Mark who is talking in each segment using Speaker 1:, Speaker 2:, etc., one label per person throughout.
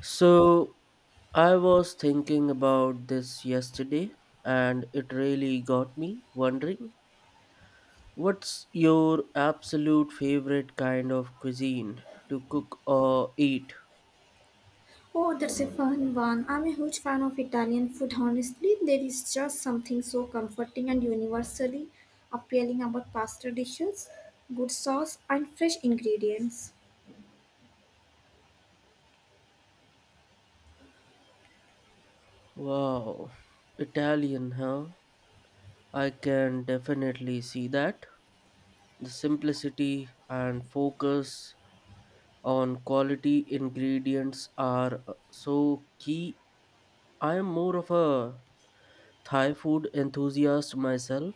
Speaker 1: So, I was thinking about this yesterday and it really got me wondering, what's your absolute favorite kind of cuisine to cook or eat?
Speaker 2: Oh, that's a fun one. I'm a huge fan of Italian food, honestly. There is just something so comforting and universally appealing about pasta dishes, good sauce, and fresh ingredients.
Speaker 1: Wow, Italian, huh? I can definitely see that. The simplicity and focus on quality ingredients are so key. I am more of a Thai food enthusiast myself.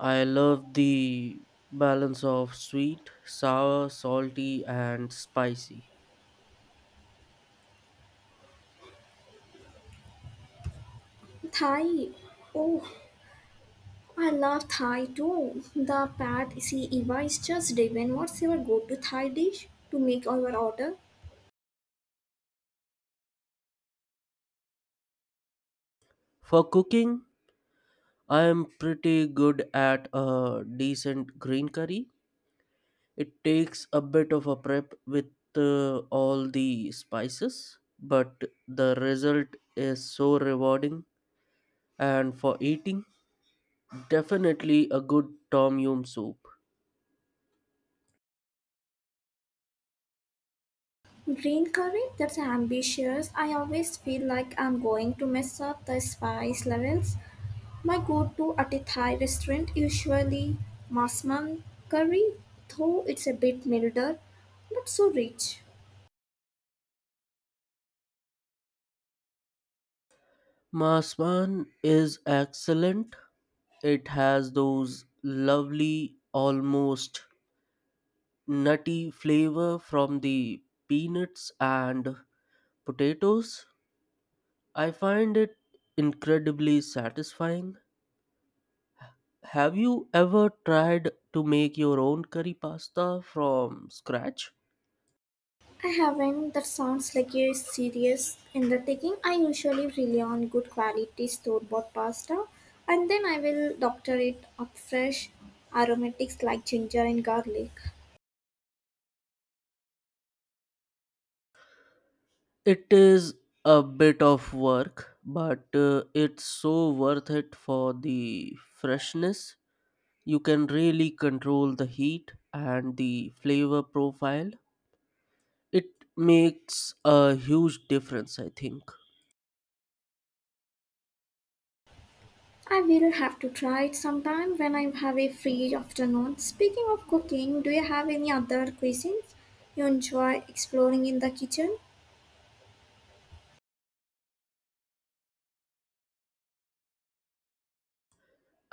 Speaker 1: I love the balance of sweet, sour, salty, and spicy.
Speaker 2: Thai. Oh, I love Thai too. The pad see Eva is just divine. What's your go to Thai dish to make our order?
Speaker 1: For cooking, I am pretty good at a decent green curry. It takes a bit of a prep with all the spices, but the result is so rewarding. And for eating, definitely a good tom yum soup.
Speaker 2: Green curry? That's ambitious. I always feel like I'm going to mess up the spice levels. My go to at a Thai restaurant usually masman curry, though it's a bit milder, not so rich.
Speaker 1: Masman is excellent. It has those lovely, almost nutty flavor from the peanuts and potatoes. I find it incredibly satisfying. Have you ever tried to make your own curry pasta from scratch?
Speaker 2: I haven't. That sounds like a serious undertaking. I usually rely on good quality store bought pasta and then I will doctor it up fresh aromatics like ginger and garlic.
Speaker 1: It is a bit of work, but it's so worth it for the freshness. You can really control the heat and the flavor profile. It makes a huge difference, I think.
Speaker 2: I will have to try it sometime when I have a free afternoon. Speaking of cooking, do you have any other cuisines you enjoy exploring in the kitchen?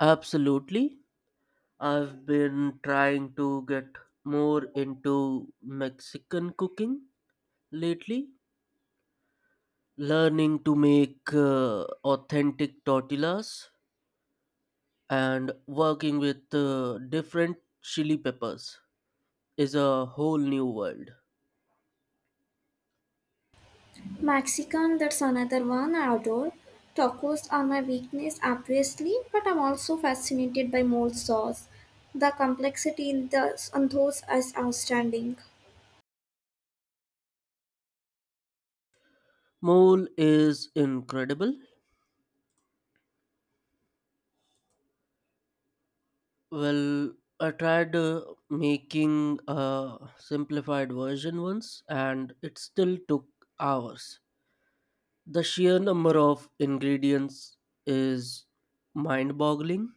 Speaker 1: Absolutely. I've been trying to get more into Mexican cooking lately, learning to make authentic tortillas and working with different chili peppers is a whole new world.
Speaker 2: Mexican, that's another one I adore. Tacos are my weakness, obviously, but I'm also fascinated by mold sauce. The complexity in those is outstanding.
Speaker 1: Mole is incredible. Well, I tried making a simplified version once and it still took hours. The sheer number of ingredients is mind boggling.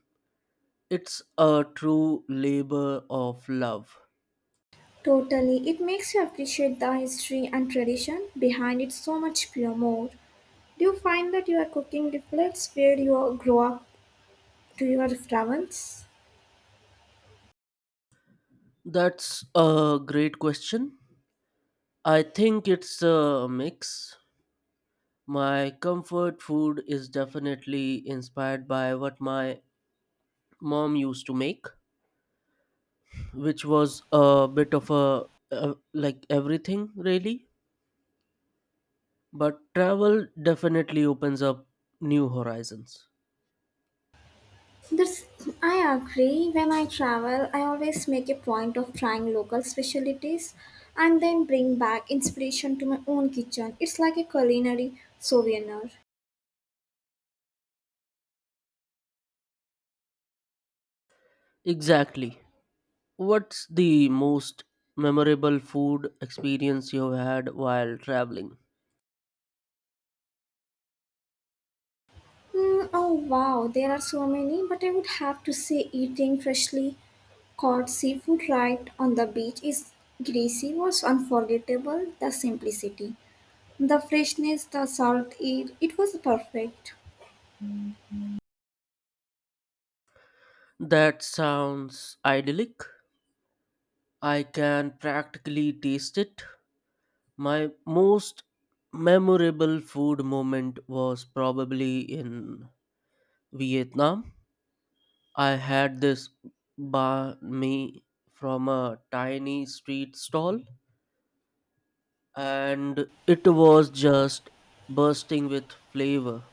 Speaker 1: It's a true labor of love.
Speaker 2: Totally, it makes you appreciate the history and tradition behind it so much pure more. Do you find that your cooking reflects grow up to your travels?
Speaker 1: That's a great question. I think it's a mix. My comfort food is definitely inspired by what my mom used to make, which was a bit of a like everything really, but travel definitely opens up new horizons.
Speaker 2: That's, I agree. When I travel, I always make a point of trying local specialties and then bring back inspiration to my own kitchen. It's like a culinary souvenir.
Speaker 1: Exactly. What's the most memorable food experience you've had while traveling?
Speaker 2: Hmm. Oh wow, there are so many, but I would have to say eating freshly caught seafood right on the beach is greasy was unforgettable. The simplicity, the freshness, the salt air, it was perfect.
Speaker 1: That sounds idyllic. I can practically taste it. My most memorable food moment was probably in Vietnam. I had this banh mi from a tiny street stall, and it was just bursting with flavor,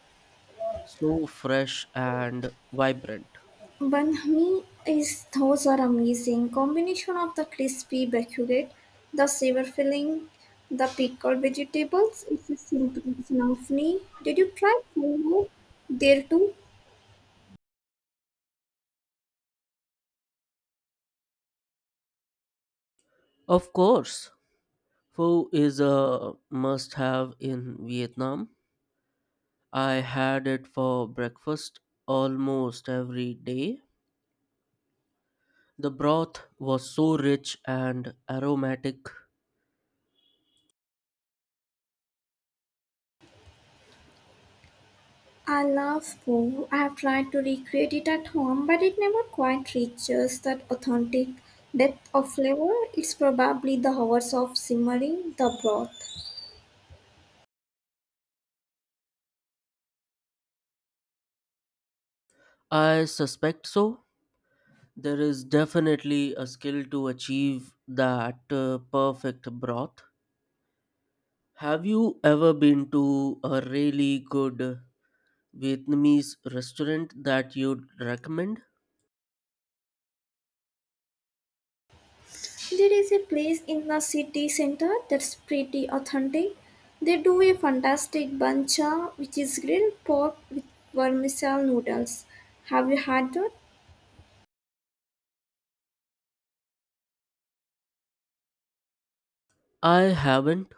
Speaker 1: so fresh and vibrant.
Speaker 2: Banhmi is those are amazing combination of the crispy baguette, the sour filling, the pickled vegetables. It's a simple snafni. Did you try poho there too?
Speaker 1: Of course, pho is a must have in Vietnam. I had it for breakfast almost every day. The broth was so rich and aromatic.
Speaker 2: I love poho. I have tried to recreate it at home, but it never quite reaches that authentic depth of flavor. It's probably the hours of simmering the broth.
Speaker 1: I suspect so. There is definitely a skill to achieve that perfect broth. Have you ever been to a really good Vietnamese restaurant that you'd recommend?
Speaker 2: There is a place in the city center that's pretty authentic. They do a fantastic bancha, which is grilled pork with vermicelli noodles. Have you had that?
Speaker 1: I haven't.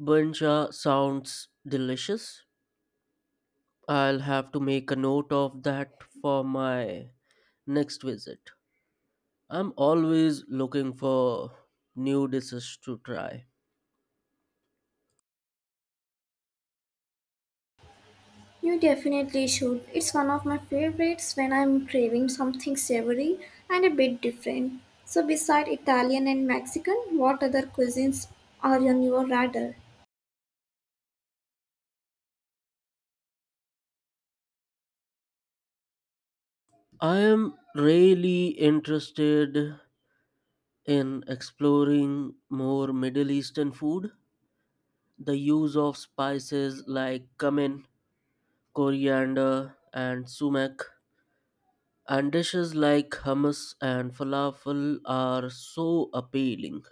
Speaker 1: Banh cha sounds delicious. I'll have to make a note of that for my next visit. I'm always looking for new dishes to try.
Speaker 2: You definitely should. It's one of my favorites when I'm craving something savory and a bit different. So, beside Italian and Mexican, what other cuisines are on your radar?
Speaker 1: I am really interested in exploring more Middle Eastern food. The use of spices like cumin, coriander, and sumac, and dishes like hummus and falafel are so appealing.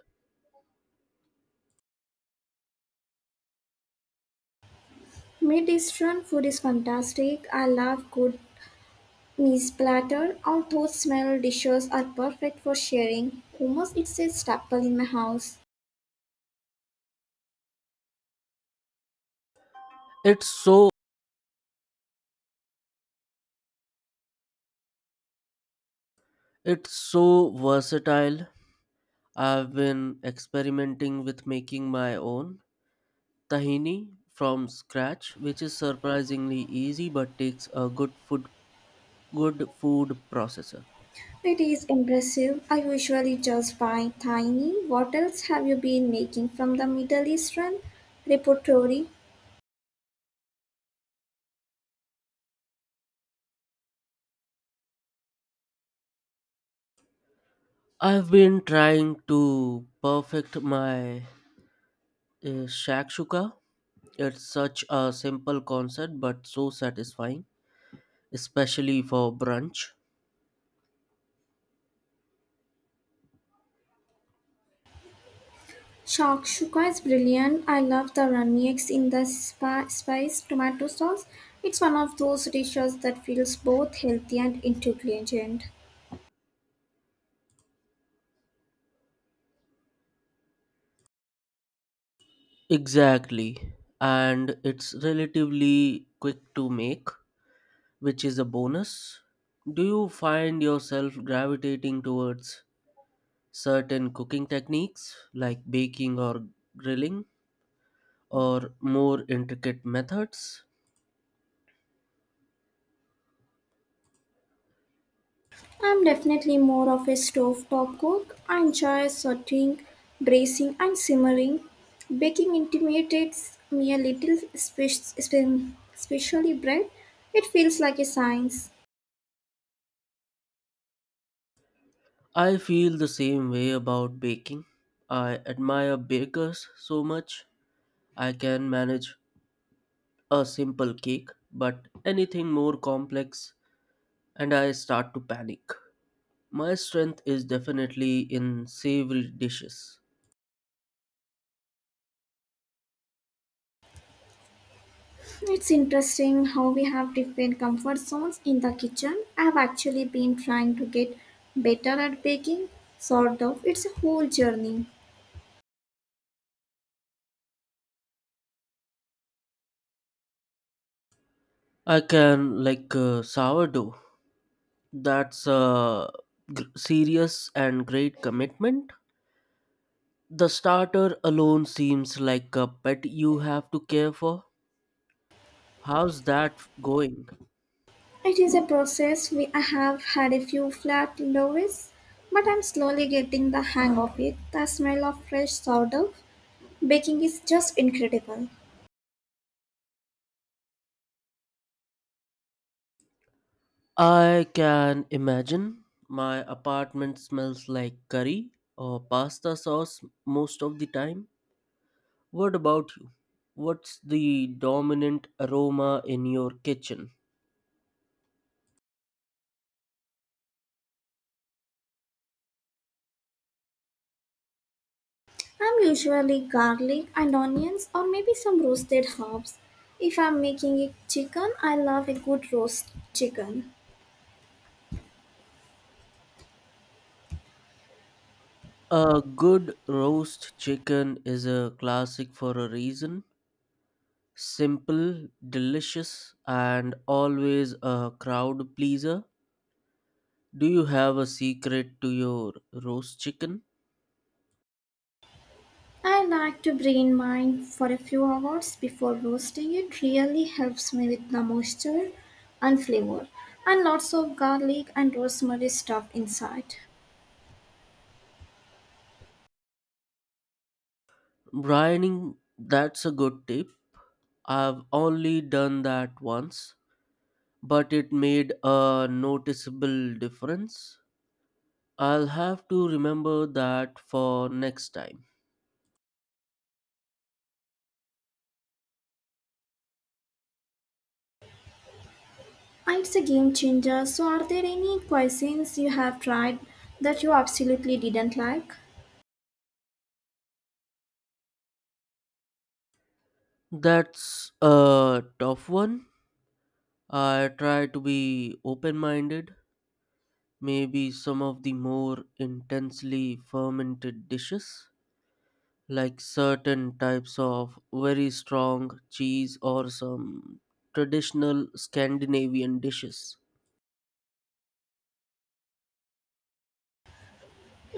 Speaker 2: Mid-Eastern food is fantastic. I love good Meat-platter or toast-style dishes are perfect for sharing. Hummus is a staple in my house.
Speaker 1: It's so it's so versatile. I've been experimenting with making my own tahini from scratch, which is surprisingly easy but takes a good food processor.
Speaker 2: It is impressive. I usually just buy tiny. What else have you been making from the Middle Eastern repertory?
Speaker 1: I've been trying to perfect my shakshuka. It's such a simple concept but so satisfying, especially for brunch.
Speaker 2: Shakshuka is brilliant. I love the runny eggs in the spice tomato sauce. It's one of those dishes that feels both healthy and intelligent.
Speaker 1: Exactly. And it's relatively quick to make, which is a bonus. Do you find yourself gravitating towards certain cooking techniques like baking or grilling or more intricate methods?
Speaker 2: I'm definitely more of a stovetop cook. I enjoy sauteing, bracing, and simmering. Baking intimidates me a little, especially bread. It feels like a science.
Speaker 1: I feel the same way about baking. I admire bakers so much. I can manage a simple cake, but anything more complex, and I start to panic. My strength is definitely in savory dishes.
Speaker 2: It's interesting how we have different comfort zones in the kitchen. I've actually been trying to get better at baking, sort of. It's a whole journey.
Speaker 1: I can like sourdough. That's a gr serious and great commitment. The starter alone seems like a pet you have to care for. How's that going?
Speaker 2: It is a process. I have had a few flat loaves, but I'm slowly getting the hang of it. The smell of fresh sourdough baking is just incredible.
Speaker 1: I can imagine my apartment smells like curry or pasta sauce most of the time. What about you? What's the dominant aroma in your kitchen?
Speaker 2: I'm usually garlic and onions or maybe some roasted herbs. If I'm making a chicken, I love a good roast chicken.
Speaker 1: A good roast chicken is a classic for a reason. Simple, delicious, and always a crowd pleaser. Do you have a secret to your roast chicken?
Speaker 2: I like to brain mine for a few hours before roasting. It really helps me with the moisture and flavor, and lots of garlic and rosemary stuffed inside.
Speaker 1: Brining, that's a good tip. I've only done that once, but it made a noticeable difference. I'll have to remember that for next time.
Speaker 2: It's a game changer. So, are there any cuisines you have tried that you absolutely didn't like?
Speaker 1: That's a tough one. I try to be open minded. Maybe some of the more intensely fermented dishes, like certain types of very strong cheese or some traditional Scandinavian dishes.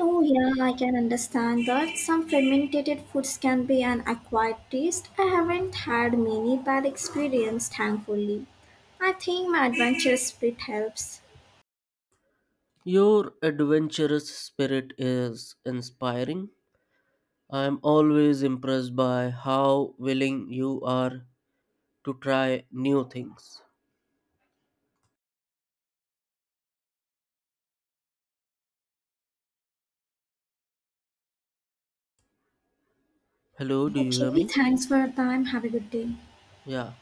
Speaker 2: Oh, yeah, I can understand that. Some fermented foods can be an acquired taste. I haven't had many bad experiences, thankfully. I think my adventure spirit helps.
Speaker 1: Your adventurous spirit is inspiring. I am always impressed by how willing you are to try new things. Hello, do you hear
Speaker 2: Okay,
Speaker 1: me?
Speaker 2: thanks for your time. Have a good day.
Speaker 1: Yeah.